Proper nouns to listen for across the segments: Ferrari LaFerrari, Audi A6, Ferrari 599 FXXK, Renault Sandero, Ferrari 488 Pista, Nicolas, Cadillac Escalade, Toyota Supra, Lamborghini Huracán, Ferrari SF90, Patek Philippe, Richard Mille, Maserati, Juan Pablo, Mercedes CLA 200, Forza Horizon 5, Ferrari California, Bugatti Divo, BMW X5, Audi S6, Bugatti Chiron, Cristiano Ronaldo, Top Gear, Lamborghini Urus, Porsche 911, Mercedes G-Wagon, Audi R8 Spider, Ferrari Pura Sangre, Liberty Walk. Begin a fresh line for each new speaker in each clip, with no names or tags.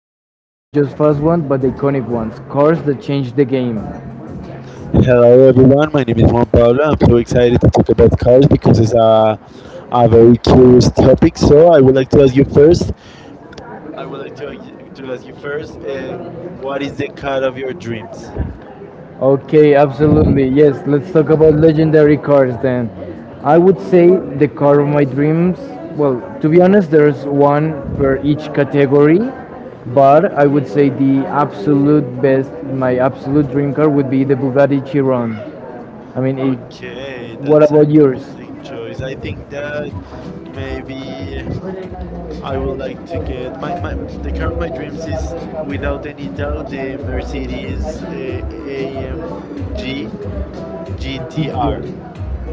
cars, not just fast ones, but the iconic ones, cars that changed the game.
Hello everyone, my name is Juan Pablo. I'm so excited to talk about cars because it's a very curious topic. So I would like to ask you first. I would like to ask you first. What is the car of your dreams?
Okay, absolutely. Yes, let's talk about legendary cars then. I would say the car of my dreams. Well, to be honest, there's one per each category, but I would say the absolute best, my absolute dream car would be the Bugatti Chiron. I mean, it,
Okay,
what
that's an
about yours?
interesting choice. I think that maybe I would like to get my the car of my dreams is without any doubt the Mercedes AMG GTR.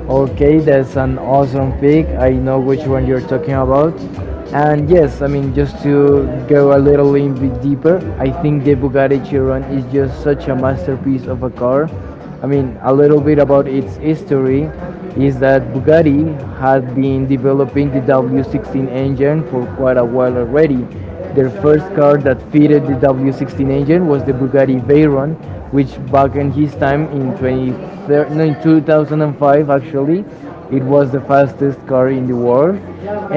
Okay, that's an awesome pick. I know which one you're talking about. And yes, I mean, just to go a little in bit deeper, I think the Bugatti Chiron is just such a masterpiece of a car. I mean, a little bit about its history is that Bugatti had been developing the W16 engine for quite a while already. Their first car that fitted the W16 engine was the Bugatti Veyron, which back in his time in, 23, no, in 2005 actually, it was the fastest car in the world.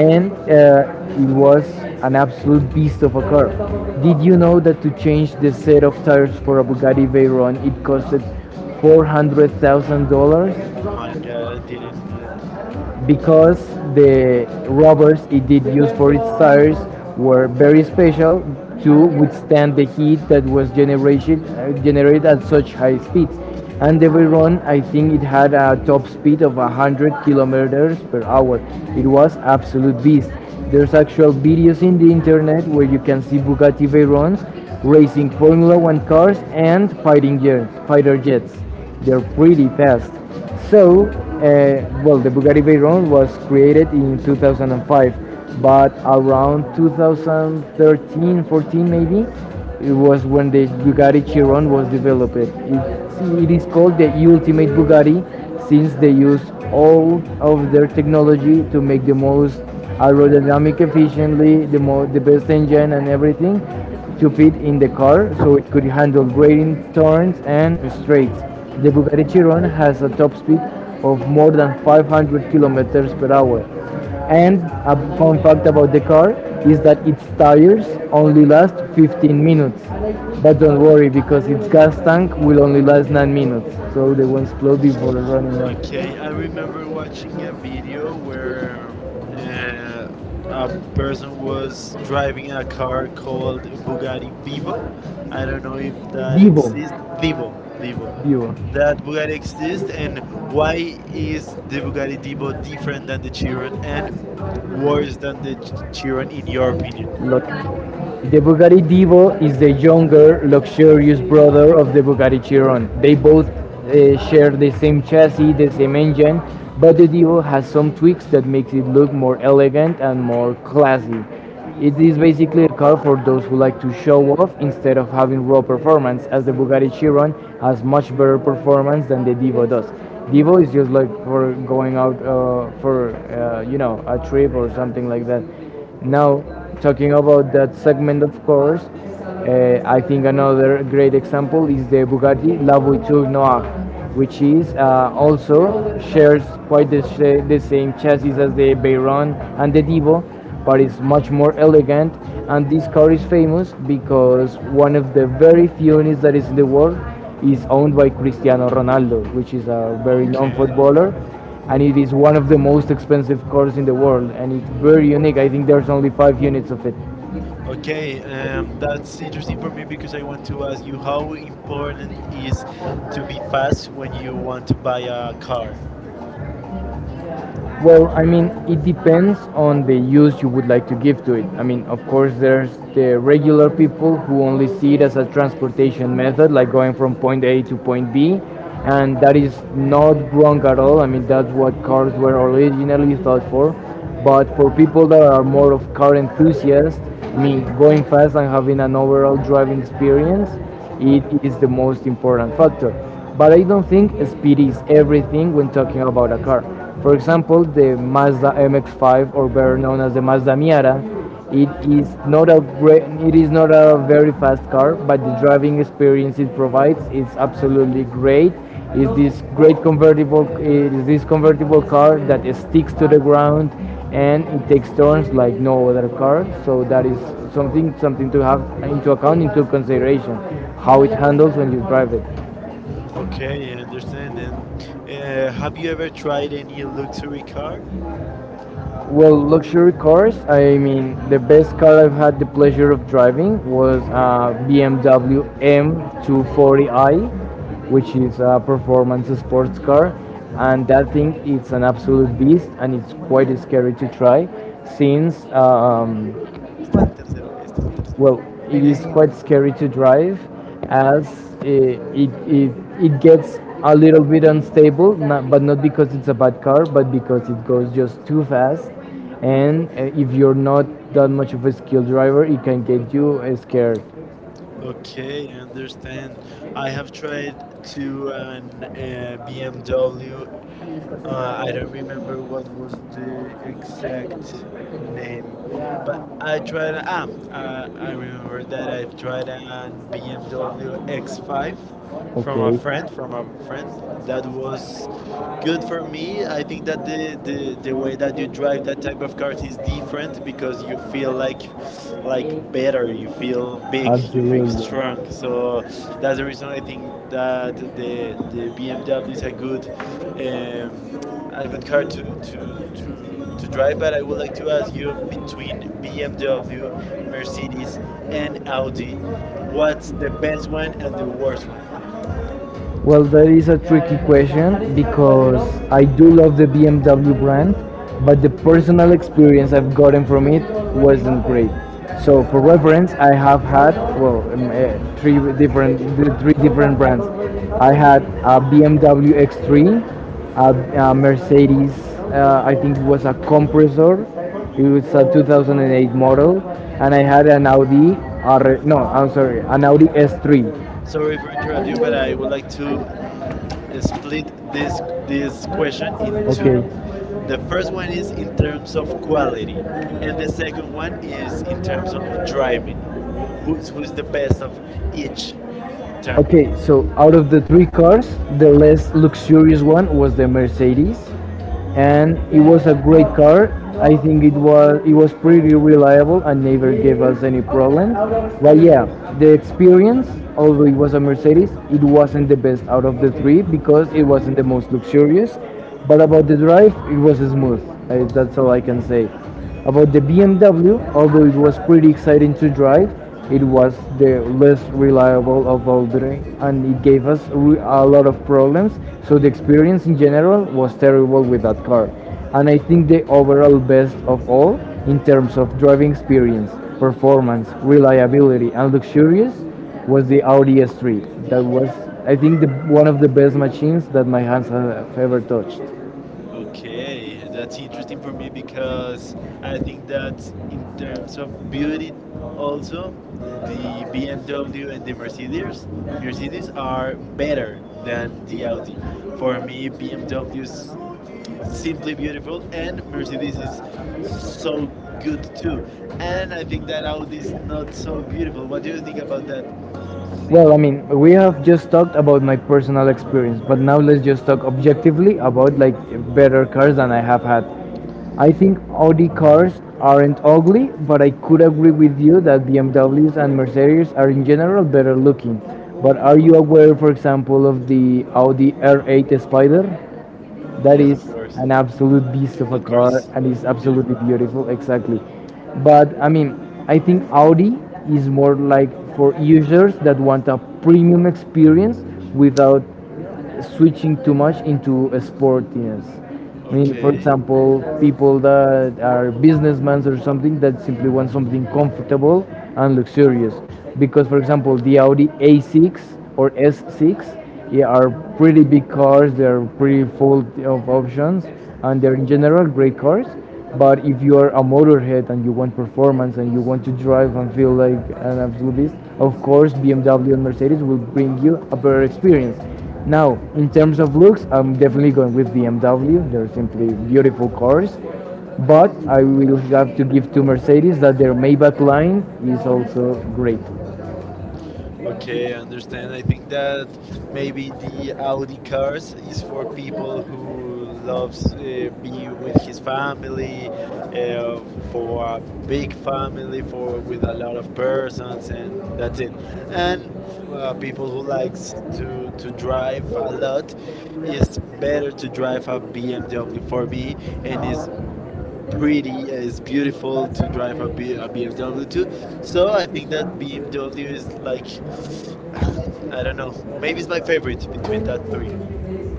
And it was an absolute beast of a car. Did you know that to change the set of tires for a Bugatti Veyron it costed $400,000?
Oh my god, I didn't do that.
Because the rubbers it did use for its tires were very special to withstand the heat that was generated, generated at such high speeds. And every run, I think it had a top speed of 100 kilometers per hour. It was absolute beast. There's actual videos in the internet where you can see Bugatti Veyrons racing Formula One cars and fighting jets, fighter jets. They're pretty fast. So, well, the Bugatti Veyron was created in 2005, but around 2013, 14 maybe, it was when the Bugatti Chiron was developed. It is called the ultimate Bugatti since they used all of their technology to make the most aerodynamic efficiently, the best engine and everything to fit in the car so it could handle grading turns and straights. The Bugatti Chiron has a top speed of more than 500 kilometers per hour. And a fun fact about the car is that its tires only last 15 minutes. But don't worry because its gas tank will only last 9 minutes. So the ones explode before running
Okay,
out.
I remember watching a video where uh, a person was driving a car called Bugatti Vivo. I don't know if that
Divo.
exists. Vivo, Vivo.
Divo.
That Bugatti exists, and why is the Bugatti Vivo different than the Chiron and worse than the Chiron in your opinion?
Look. The Bugatti Divo is the younger, luxurious brother of the Bugatti Chiron. They both share the same chassis, the same engine, but the Divo has some tweaks that makes it look more elegant and more classy. It is basically a car for those who like to show off instead of having raw performance, as the Bugatti Chiron has much better performance than the Divo does. Divo is just like for going out for you know a trip or something like that. Now talking about that segment, of course, I think another great example is the Bugatti La Voiture Noire, which is also shares quite the same chassis as the Veyron and the Devo, but it's much more elegant. And this car is famous because one of the very few units that is in the world is owned by Cristiano Ronaldo, which is a very known
Okay.
footballer, and it is one of the most expensive cars in the world, and it's very unique. I think there's only 5 units of it.
Okay, that's interesting for me because I want to ask you how important is to be fast when you want to buy a car.
Well, I mean, it depends on the use you would like to give to it. I mean, of course, there's the regular people who only see it as a transportation method, like going from point A to point B, and that is not wrong at all. I mean, that's what cars were originally thought for. But for people that are more of car enthusiasts, I mean, going fast and having an overall driving experience, it is the most important factor. But I don't think speed is everything when talking about a car. For example, the Mazda MX-5, or better known as the Mazda Miata, it is not a very fast car, but the driving experience it provides is absolutely great. It is this convertible car that sticks to the ground and it takes turns like no other car. So that is something to have into consideration, how it handles when you drive it.
Okay, I understand. And have you ever tried any luxury car?
Well, luxury cars. I mean, the best car I've had the pleasure of driving was BMW M240i, which is a performance sports car, and that thing it's an absolute beast, and it's quite scary to try, since
Este es el tercero, este es el tercero.
well, it
Este.
is quite scary to drive as it, it, it, it gets a little bit unstable, not, but not because it's a bad car, but because it goes just too fast. And if you're not that much of a skilled driver, it can get you scared.
Okay, I understand. I have tried to an BMW. I don't remember what was the exact name, but I tried. I remember that I tried an BMW X5 from a friend. From a friend that was good for me. I think that the way that you drive that type of cars is different because you feel like better. You feel big. You feel strong. So that's the reason I think that the BMW is um, a good car to, to drive, but I would like to ask you between BMW, Mercedes, and Audi, what's the best one and the worst one?
Well, that is a tricky question because I do love the BMW brand, but the personal experience I've gotten from it wasn't great. So, for reference, I have had well eh, three different the three different brands. I had a BMW X3, a Mercedes. I think it was a compressor. It was a 2008 model, and I had an Audi. R, no, I'm sorry, an Audi S3.
Sorry for interrupting you, but I would like to split this question in two.
Okay.
The first one is in terms of quality, and the second one is in terms of driving. Who's the best of each term?
Okay, so out of the three cars, the less luxurious one was the Mercedes and it was a great car. I think it was pretty reliable and never gave us any problems. But yeah, the experience, although it was a Mercedes, it wasn't the best out of the three because it wasn't the most luxurious. But about the drive, it was smooth. I, that's all I can say. About the BMW, although it was pretty exciting to drive, it was the less reliable of all three, and it gave us a lot of problems. So the experience in general was terrible with that car. And I think the overall best of all in terms of driving experience, performance, reliability, and luxurious was the Audi S3. That was, I think, one of the best machines that my hands have ever touched.
Okay, that's interesting for me because I think that in terms of beauty, also the BMW and the Mercedes are better than the Audi. For me, BMW is simply beautiful, and Mercedes is so good too. And I think that Audi is not so beautiful. What do you think about that?
Well, I mean, we have just talked about my personal experience, but now let's just talk objectively about like better cars than I have had. I think Audi cars aren't ugly, but I could agree with you that BMWs and Mercedes are in general better looking. But are you aware, for example, of the Audi R8 Spider? That
Yes, of
is
course,
an absolute beast of
that
a
car
car
is
and is
beautiful.
absolutely beautiful, exactly. But I mean, I think Audi is more like for users that want a premium experience without switching too much into a sportiness. I mean, for
Okay.
example, people that are businessmen or something that simply want something comfortable and luxurious. Because, for example, the Audi A6 or S6, yeah, are pretty big cars, they're pretty full of options, and they're in general great cars. But if you are a motorhead and you want performance and you want to drive and feel like an absolute beast, of course BMW and Mercedes will bring you a better experience. Now, in terms of looks, I'm definitely going with BMW. They're simply beautiful cars. But I will have to give to Mercedes that their Maybach line is also great.
Okay, I understand. I think that maybe the Audi cars is for people who loves be with his family, for a big family, for with a lot of persons, and that's it. And people who likes to drive a lot, it's better to drive a BMW for me, and it's pretty, it's beautiful to drive a BMW too. So I think that BMW is like I don't know. Maybe it's my favorite between that three.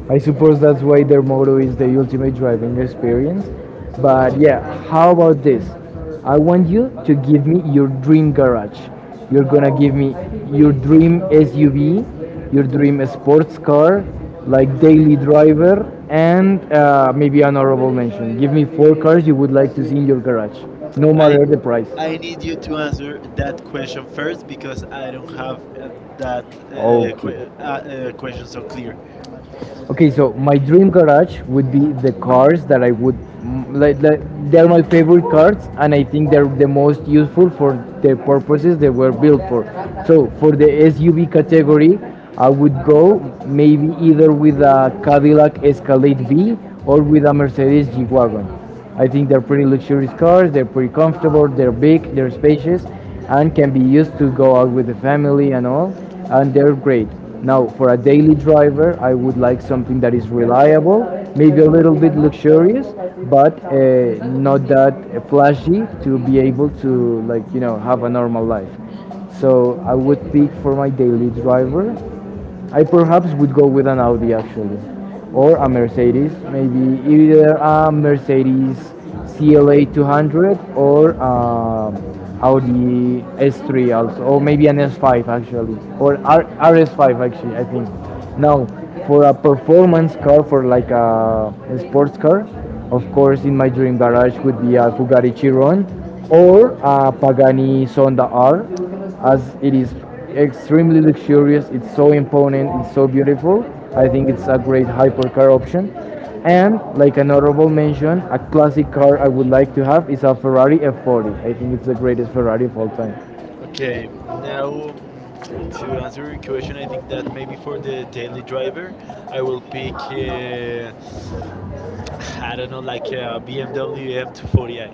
I suppose that's why their motto is the ultimate driving experience. But yeah, how about this? I want you to give me your dream garage. You're gonna give me your dream SUV, your dream sports car, like daily driver, and maybe an honorable mention. Give me four cars you would like to see in your garage, no
I
matter the price.
I need you to answer that question first because I don't have that uh,
Okay.
que- uh, question so clear.
Okay, so my dream garage would be the cars that I would like they're my favorite cars, and I think they're the most useful for the purposes they were built for. So for the SUV category, I would go maybe either with a Cadillac Escalade B or with a Mercedes G-Wagon. I think they're pretty luxurious cars. They're pretty comfortable. They're big. They're spacious, and can be used to go out with the family and all. And they're great. Now, for a daily driver, I would like something that is reliable, maybe a little bit luxurious, but not that flashy to be able to like you know have a normal life. So I would pick for my daily driver I perhaps would go with an Audi actually, or a Mercedes, maybe either a Mercedes CLA 200 or Audi S3 also, or maybe an S5 actually, or RS5 actually, I think. Now, for a performance car, for like a sports car, of course, in my dream garage would be a Bugatti Chiron or a Pagani Zonda R, as it is extremely luxurious. It's so imponent, it's so beautiful. I think it's a great hypercar option. And like an honorable mention, a classic car I would like to have is a ferrari f40. I think it's the greatest ferrari of all time.
Okay, now to answer your question, I think that maybe for the daily driver, I will pick I don't know like a BMW M240i.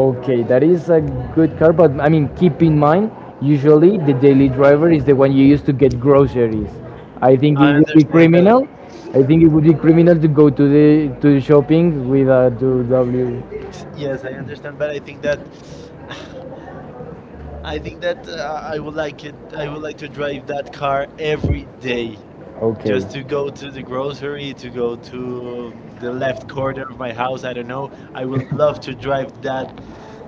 Okay, that is a good car, but I mean, keep in mind, usually the daily driver is the one you use to get groceries. i think
I
it would be
understand that.
criminal I think it would be criminal to go to the shopping with a 2w.
Yes, I understand, but I think that I would like it. I would like to drive that car every day, just
Okay.
to go to the grocery, to go to the left corner of my house. I don't know. I would love to drive that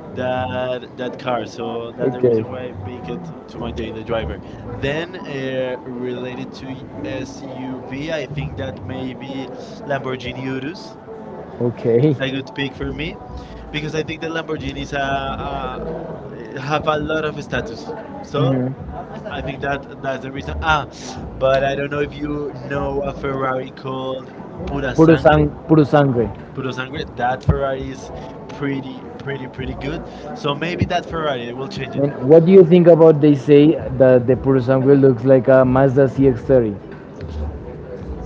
that that car. So that's the reason why I pick it to my daily driver. Then related to SUV, I think that maybe Lamborghini Urus. It's
Okay.
a good pick for me because I think the Lamborghinis have a lot of status. So I think that that's the reason. Ah, but I don't know if you know a Ferrari called Pura
Puro
Sangre.
sangre.
Puro Sangre. That Ferrari is pretty good. So maybe that Ferrari, I will change it.
It. What do you think about, they say that the puro sangre looks like a Mazda CX-30?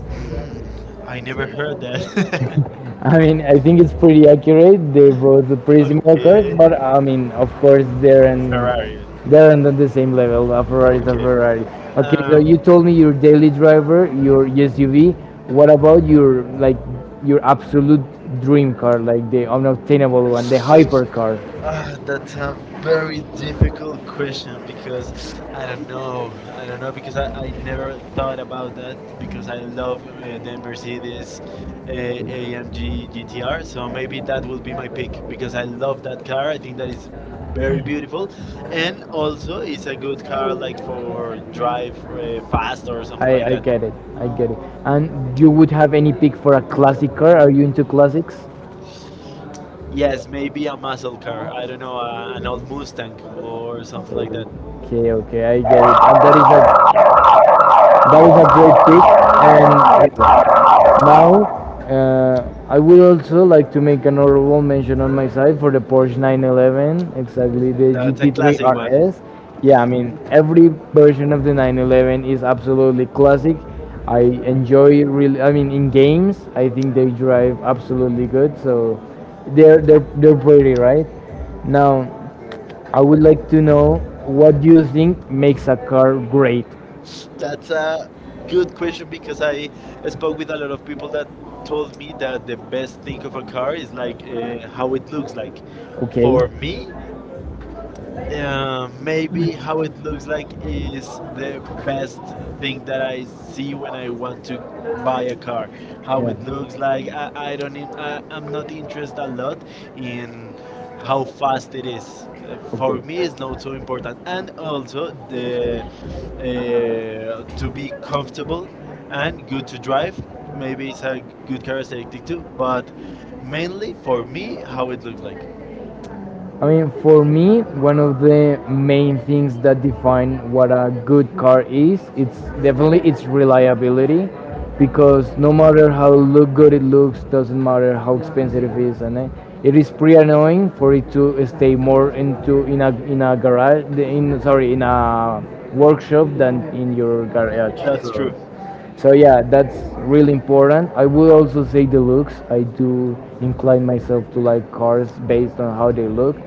Mm, I never heard that.
I mean, I think it's pretty accurate. They're both pretty similar cars,
Okay,
but I mean, of course,
Ferrari.
they're not the same level. A Ferrari is a
Okay.
Ferrari. Okay, so
Um,
you told me your daily driver, your SUV. What about your like your absolute dream car, like the unobtainable one, the hypercar?
Ah, that's a
That's a
very
very
difficult
difficult
question
question,
because I don't
and
know. I don't know because I
I
never
cannot
thought
tell
about
you.
that because I love the Mercedes AMG GTR. So maybe that will be my pick because I love that car. I think that is very beautiful and also it's a good car like for drive
I,
fast or something like
I
that.
like that. Get it. I get it. And you would have any pick for a classic car? Are you into classics?
Yes, maybe a muscle car. I don't know, an old Mustang or something like
That.
that.
Okay, okay, I get it. And that is not, that is a great pick, and now I would also like to make an honorable mention on my side for the Porsche 911, exactly the
That's a
GT3
classic one.
RS. Yeah, I mean, every version of the 911 is absolutely classic. I enjoy really. I mean, in games, I think they drive absolutely good. So they're pretty, right? Now I would like to know, what do you think makes a car great?
That's a good question because I spoke with a lot of people that told me that the best thing of a car is like how it looks like. For me, maybe how it looks like is the best thing that I see when I want to buy a car. How it looks like, I'm not interested a lot in how fast it is. For me, it's not so important. And also the to be comfortable and good to drive. Maybe it's a good characteristic too, but mainly for me, how it looks like.
I mean, for me, one of the main things that define what a good car is, it's definitely its reliability, because no matter how look good it looks, doesn't matter how expensive it is, and it is pretty annoying for it to stay more into in a garage, in, sorry, in a workshop than in your garage.
That's
So
true.
yeah, that's really important. I would also say the looks. I do incline myself to like cars based on how they look.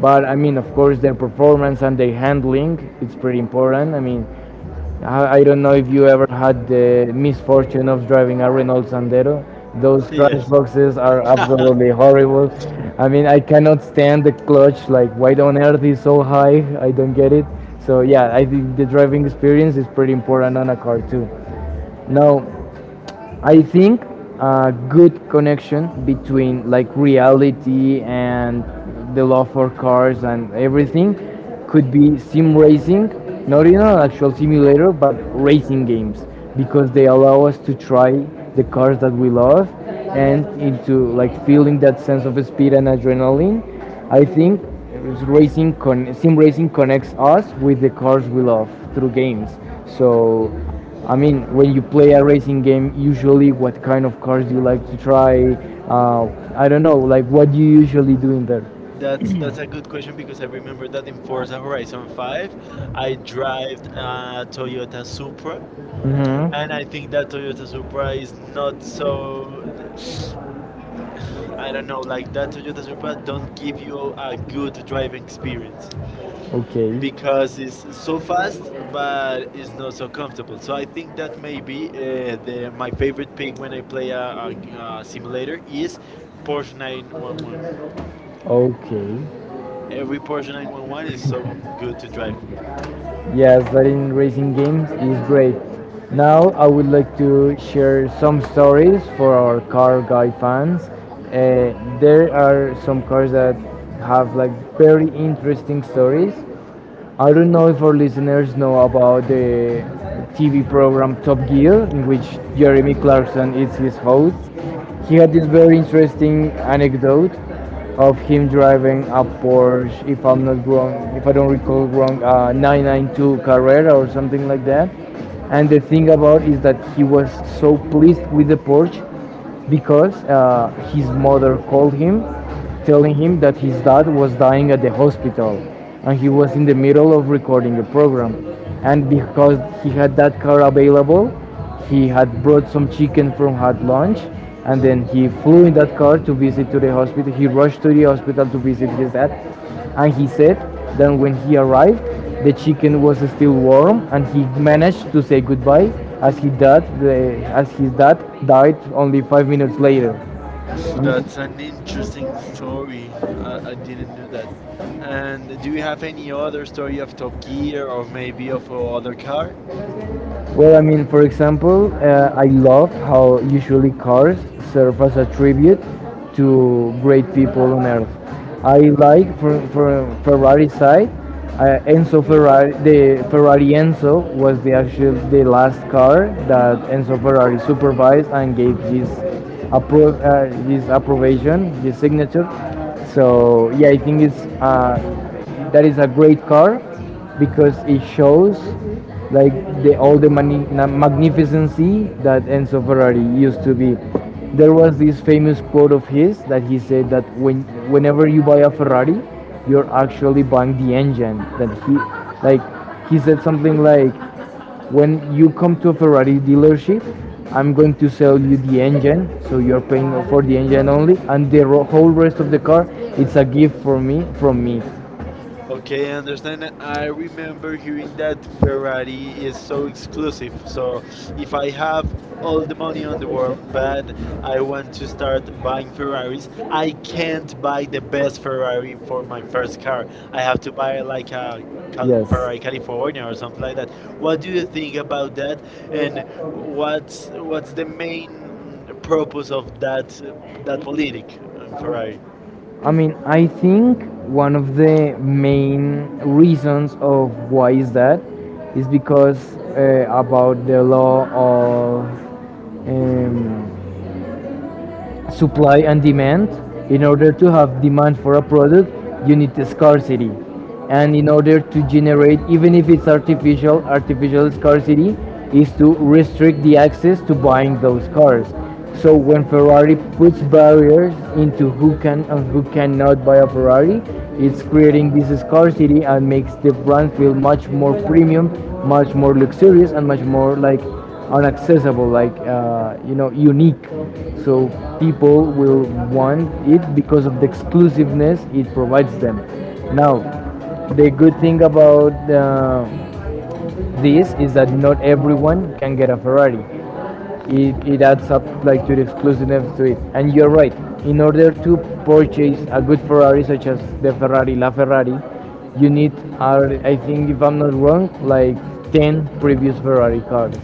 But I mean, of course, their performance and their handling, it's pretty important. I mean, I don't know if you ever had the misfortune of driving a Renault Sandero. Those trash
Yes.
boxes are absolutely horrible. I mean, I cannot stand the clutch. Like, why on earth is so high? I don't get it. So yeah, I think the driving experience is pretty important on a car too. No, I think a good connection between like reality and the love for cars and everything could be sim racing, not in an actual simulator, but racing games, because they allow us to try the cars that we love and into like feeling that sense of speed and adrenaline. I think sim racing connects us with the cars we love through games. So I mean, when you play a racing game, usually what kind of cars do you like to try? Uh, I don't know, like what do you usually do in there?
That's a good question because I remember that in Forza Horizon 5, I drove a Toyota Supra,
Hmm.
and I think that Toyota Supra is not so. I don't know, like that Toyota Supra don't give you a good driving experience
Okay.
because it's so fast, but it's not so comfortable. So I think that maybe the my favorite pick when I play a simulator is Porsche 911.
Okay.
Every Porsche 911 is so good to drive.
Yes, that in racing games is great. Now I would like to share some stories for our car guy fans. Uh, there are some cars that have like very interesting stories. I don't know if our listeners know about the TV program Top Gear, in which Jeremy Clarkson is his host. He had this very interesting anecdote of him driving a Porsche, if I'm not wrong, if I don't recall wrong, 992 Carrera or something like that. And the thing about is that he was so pleased with the Porsche because his mother called him, telling him that his dad was dying at the hospital, and he was in the middle of recording a program. And because he had that car available, he had brought some chicken from hot lunch, and then he flew in that car to visit to the hospital. He rushed to the hospital to visit his dad, and he said that when he arrived, the chicken was still warm, and he managed to say goodbye as he dad, the, as his dad died only 5 minutes later.
Phew, that's an interesting story. I didn't know that. And do you have any other story of Top Gear or maybe of other car?
Well, I mean, for example, I love how usually cars serve as a tribute to great people on earth. I like for Ferrari side, Enzo Ferrari, the Ferrari Enzo was the actual the last car that Enzo Ferrari supervised and gave his his approbation, his signature. So yeah, I think it's that is a great car because it shows like the all the magnificency that Enzo Ferrari used to be. There was this famous quote of his that he said that whenever you buy a Ferrari, you're actually buying the engine. That he like he said something like, when you come to a Ferrari dealership, I'm going to sell you the engine, so you're paying for the engine only, and the whole rest of the car, it's a gift for me, from me.
Okay, I understand. I remember hearing that
I
Ferrari is so exclusive. So if I have all the money on the world, but I want to start buying Ferraris, I can't buy the best Ferrari for my first car. I have to buy like a Ferrari California or something like that. What do you think about that? And what's the main purpose of that that politic in Ferrari?
I mean, I think one of the main reasons of why is that is because about the law of um, supply and demand. In order to have demand for a product, you need the scarcity. And in order to generate, even if it's artificial, artificial scarcity is to restrict the access to buying those cars. So when Ferrari puts barriers into who can and who cannot buy a Ferrari, it's creating this scarcity and makes the brand feel much more premium, much more luxurious, and much more like are accessible, like you know, unique. So people will want it because of the exclusiveness it provides them. Now, the good thing about this is that not everyone can get a Ferrari. It adds up like to the exclusiveness to it. And you're right. In order to purchase a good Ferrari, such as the Ferrari LaFerrari, you need, I think, if I'm not wrong, like 10 previous Ferrari cars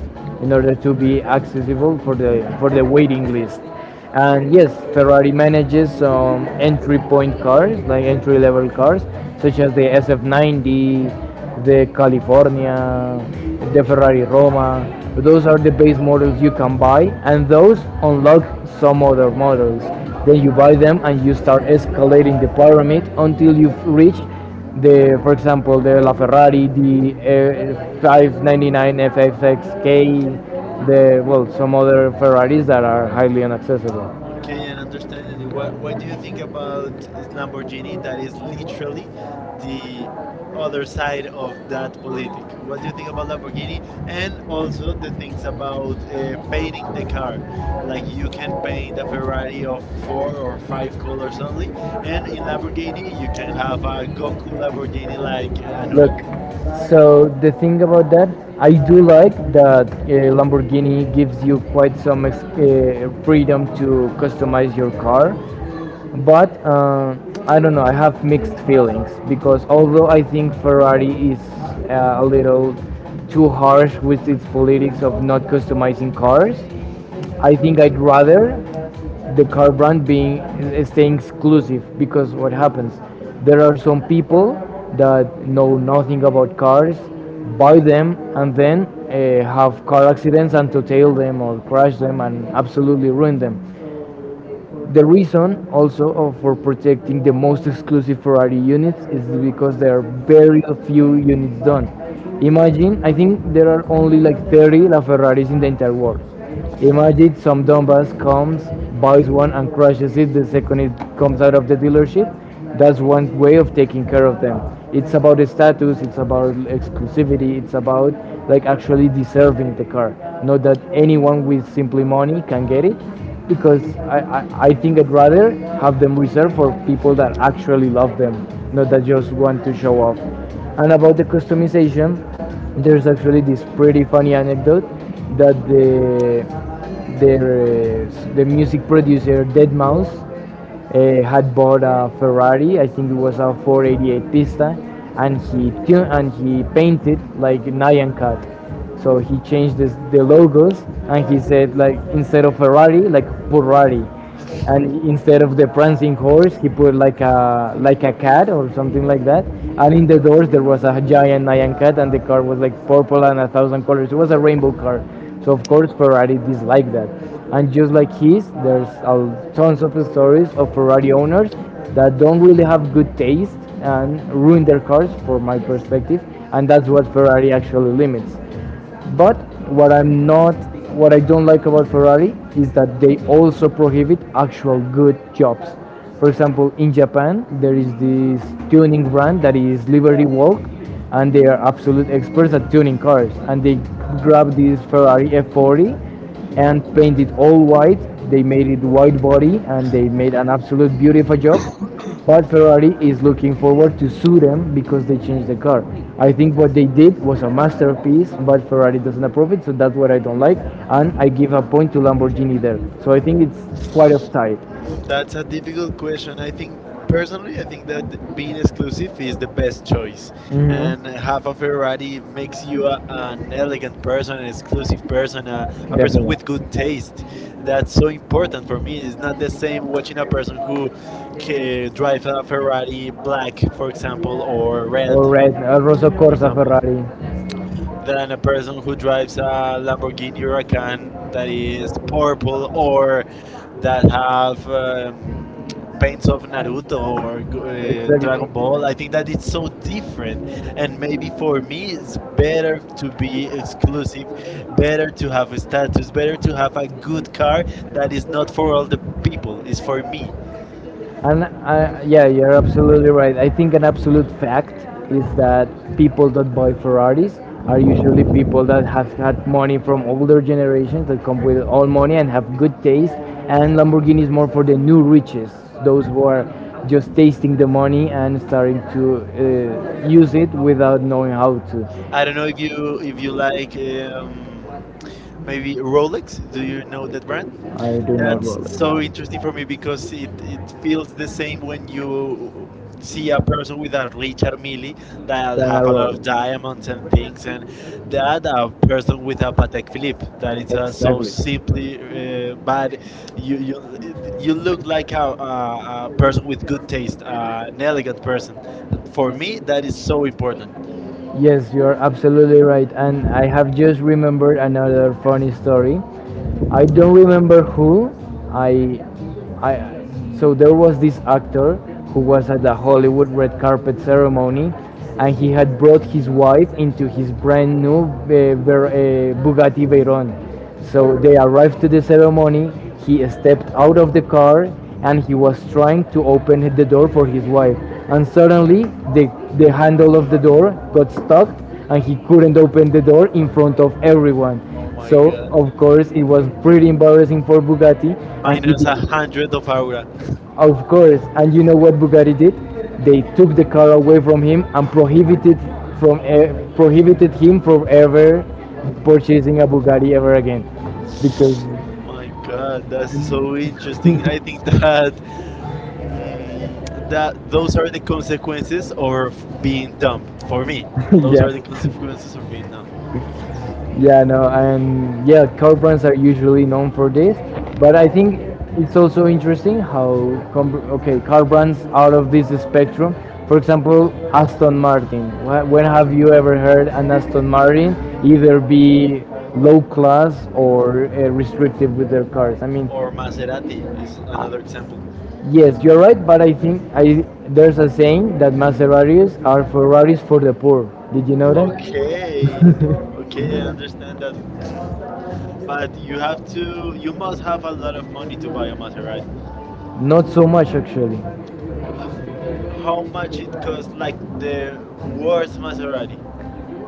in order to be accessible for the waiting list. And yes, Ferrari manages some entry point cars, like entry level cars, such as the SF90, the California, the Ferrari Roma. Those are the base models you can buy, and those unlock some other models. Then you buy them and you start escalating the pyramid until you've reached the for example the LaFerrari, the 599 FXXK, the well some other Ferraris that are highly inaccessible.
Okay, and understanding. What do you think about Lamborghini? That is literally the other side of that politic. What do you think about Lamborghini? And also the things about painting the car. Like you can paint a Ferrari of four or five colors only, and in Lamborghini you can have a Goku Lamborghini like
Look,
Anuel.
so the thing about that, I do like that Lamborghini gives you quite some freedom to customize your car, but I don't know, I have mixed feelings because although I think ferrari is a little too harsh with its politics of not customizing cars, I think I'd rather the car brand being staying exclusive because what happens, there are some people that know nothing about cars buy them and then have car accidents and to tail them or crash them and absolutely ruin them. The reason also for protecting the most exclusive Ferrari units is because there are very few units done. Imagine, I think there are only like 30 LaFerraris in the entire world. Imagine some dumbass comes, buys one and crashes it, the second it comes out of the dealership, that's one way of taking care of them. It's about status, it's about exclusivity, it's about like actually deserving the car, not that anyone with simply money can get it, because I think I'd rather have them reserved for people that actually love them, not that just want to show off. And about the customization, there's actually this pretty funny anecdote that the the music producer Dead Mouse had bought a Ferrari. I think it was a 488 Pista, and he tuned and he painted like Nyan Cat. So he changed this, the logos, and he said like instead of Ferrari, like Ferrari, and instead of the prancing horse, he put like a cat or something like that. And in the doors there was a giant Nyan cat, and the car was like purple and a thousand colors. It was a rainbow car. So of course Ferrari dislike that. And just like his, there's tons of stories of Ferrari owners that don't really have good taste and ruin their cars, for my perspective. And that's what Ferrari actually limits. But what I'm not, what I don't like about Ferrari is that they also prohibit actual good jobs. For example, in Japan, there is this tuning brand that is Liberty Walk, and they are absolute experts at tuning cars. And they grabbed this Ferrari F40 and painted it all white. They made it white body, and they made an absolute beautiful job. But Ferrari is looking forward to sue them because they changed the car. I think what they did was a masterpiece, but Ferrari doesn't approve it, so that's what I don't like. And I give a point to Lamborghini there. So I think it's quite a tie.
That's a difficult question. I think personally, I think that being exclusive is the best choice,
Hmm.
and have a Ferrari makes you an elegant person, an exclusive person, a person
Definitely.
with good
It
taste. That's so important for me. It's not the same watching a person who drive a Ferrari black, for example, or red,
Rosso
for
Corsa
example
Ferrari.
than a person who drives a Lamborghini Huracan that is purple or that have paints of Naruto or Dragon Ball. I think that it's so different, and maybe for me, it's better to be exclusive, better to have a status, better to have a good car that is not for all the people. It's for me.
And yeah, you're absolutely right. I think an absolute fact is that people that buy Ferraris are usually people that have had money from older generations that come with all money and have good taste. And Lamborghini is more for the new riches, those who are just tasting the money and starting to use it without knowing how
I
to.
don't know if you like maybe Rolex. Do you know that brand? That's so interesting for me because it feels the same when you see a person with a Richard Mille that have a lot of diamonds and things, and that a person with a Patek Philippe that it's so simply bad. You you you look like a person with good taste, an elegant person. For me, that is so important.
Yes, you're absolutely right. And I have just remembered another funny story. I don't remember who. I, I. So there was this actor who was at the Hollywood red carpet ceremony, and he had brought his wife into his brand new Bugatti Veyron. So they arrived to the ceremony. He stepped out of the car and he was trying to open the door for his wife. And suddenly, the, the handle of the door got stuck and he couldn't open the door in front of everyone.
Oh my
So,
god.
of course, it was pretty embarrassing for Bugatti. And he
Minus
did.
a hundred of aura.
Of course, and you know what Bugatti did? They took the car away from him and prohibited prohibited him from ever purchasing a Bugatti ever again, because
Oh my god, that's so interesting. I think that mm, that those are the consequences of being dumb for me. Those are
yes,
the consequences of being dumb.
yeah, no, and yeah, car brands are usually known for this, but I think it's also interesting how okay car brands out of this spectrum. For example, Aston Martin. When have you ever heard an Aston Martin either be low class or restrictive with their cars? I mean,
Or Maserati is
uh,
another example.
yes, you're right, but I think I there's a saying that Maseratis are Ferraris for the poor. Did you know that?
Okay, okay, I understand that. But you have to, you must have a lot of money to buy a Maserati.
Not so much actually.
H- how much it costs? Like the worst Maserati.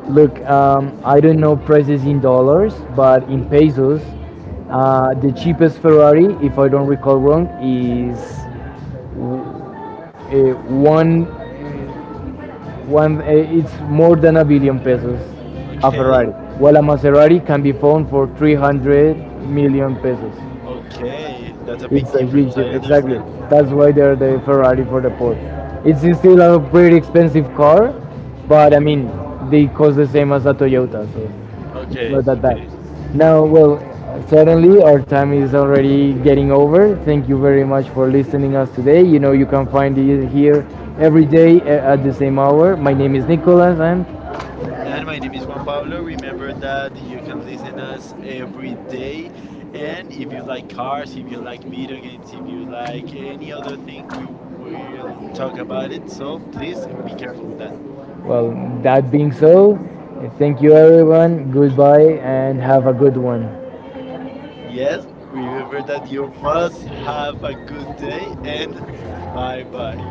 Look, I don't know prices in dollars, but in pesos, the cheapest Ferrari, if I don't recall wrong, is w- eh, one one. It's more than a billion pesos. A
Okay.
Ferrari, while a Maserati can be found for 300 million pesos.
Okay, that's a big
It's a huge
difference. I
difference. Exactly.
understand.
That's why they're the Ferrari for the poor. It's still a pretty expensive car, but I mean, they cost the same as a Toyota, so it's
Okay,
not that bad.
okay.
Now, well, certainly our time is already getting over. Thank you very much for listening us today. You know, you can find it here every day at the same hour. My name is Nicolas, and
And my name is Juan Pablo. Remember that you can listen us every day. And if you like cars, if you like video games, if you like any other thing, we will talk about it. So please be careful with that.
well, that being so, thank you everyone. Goodbye, and have a good one.
Yes, remember that you must have a good day and bye bye.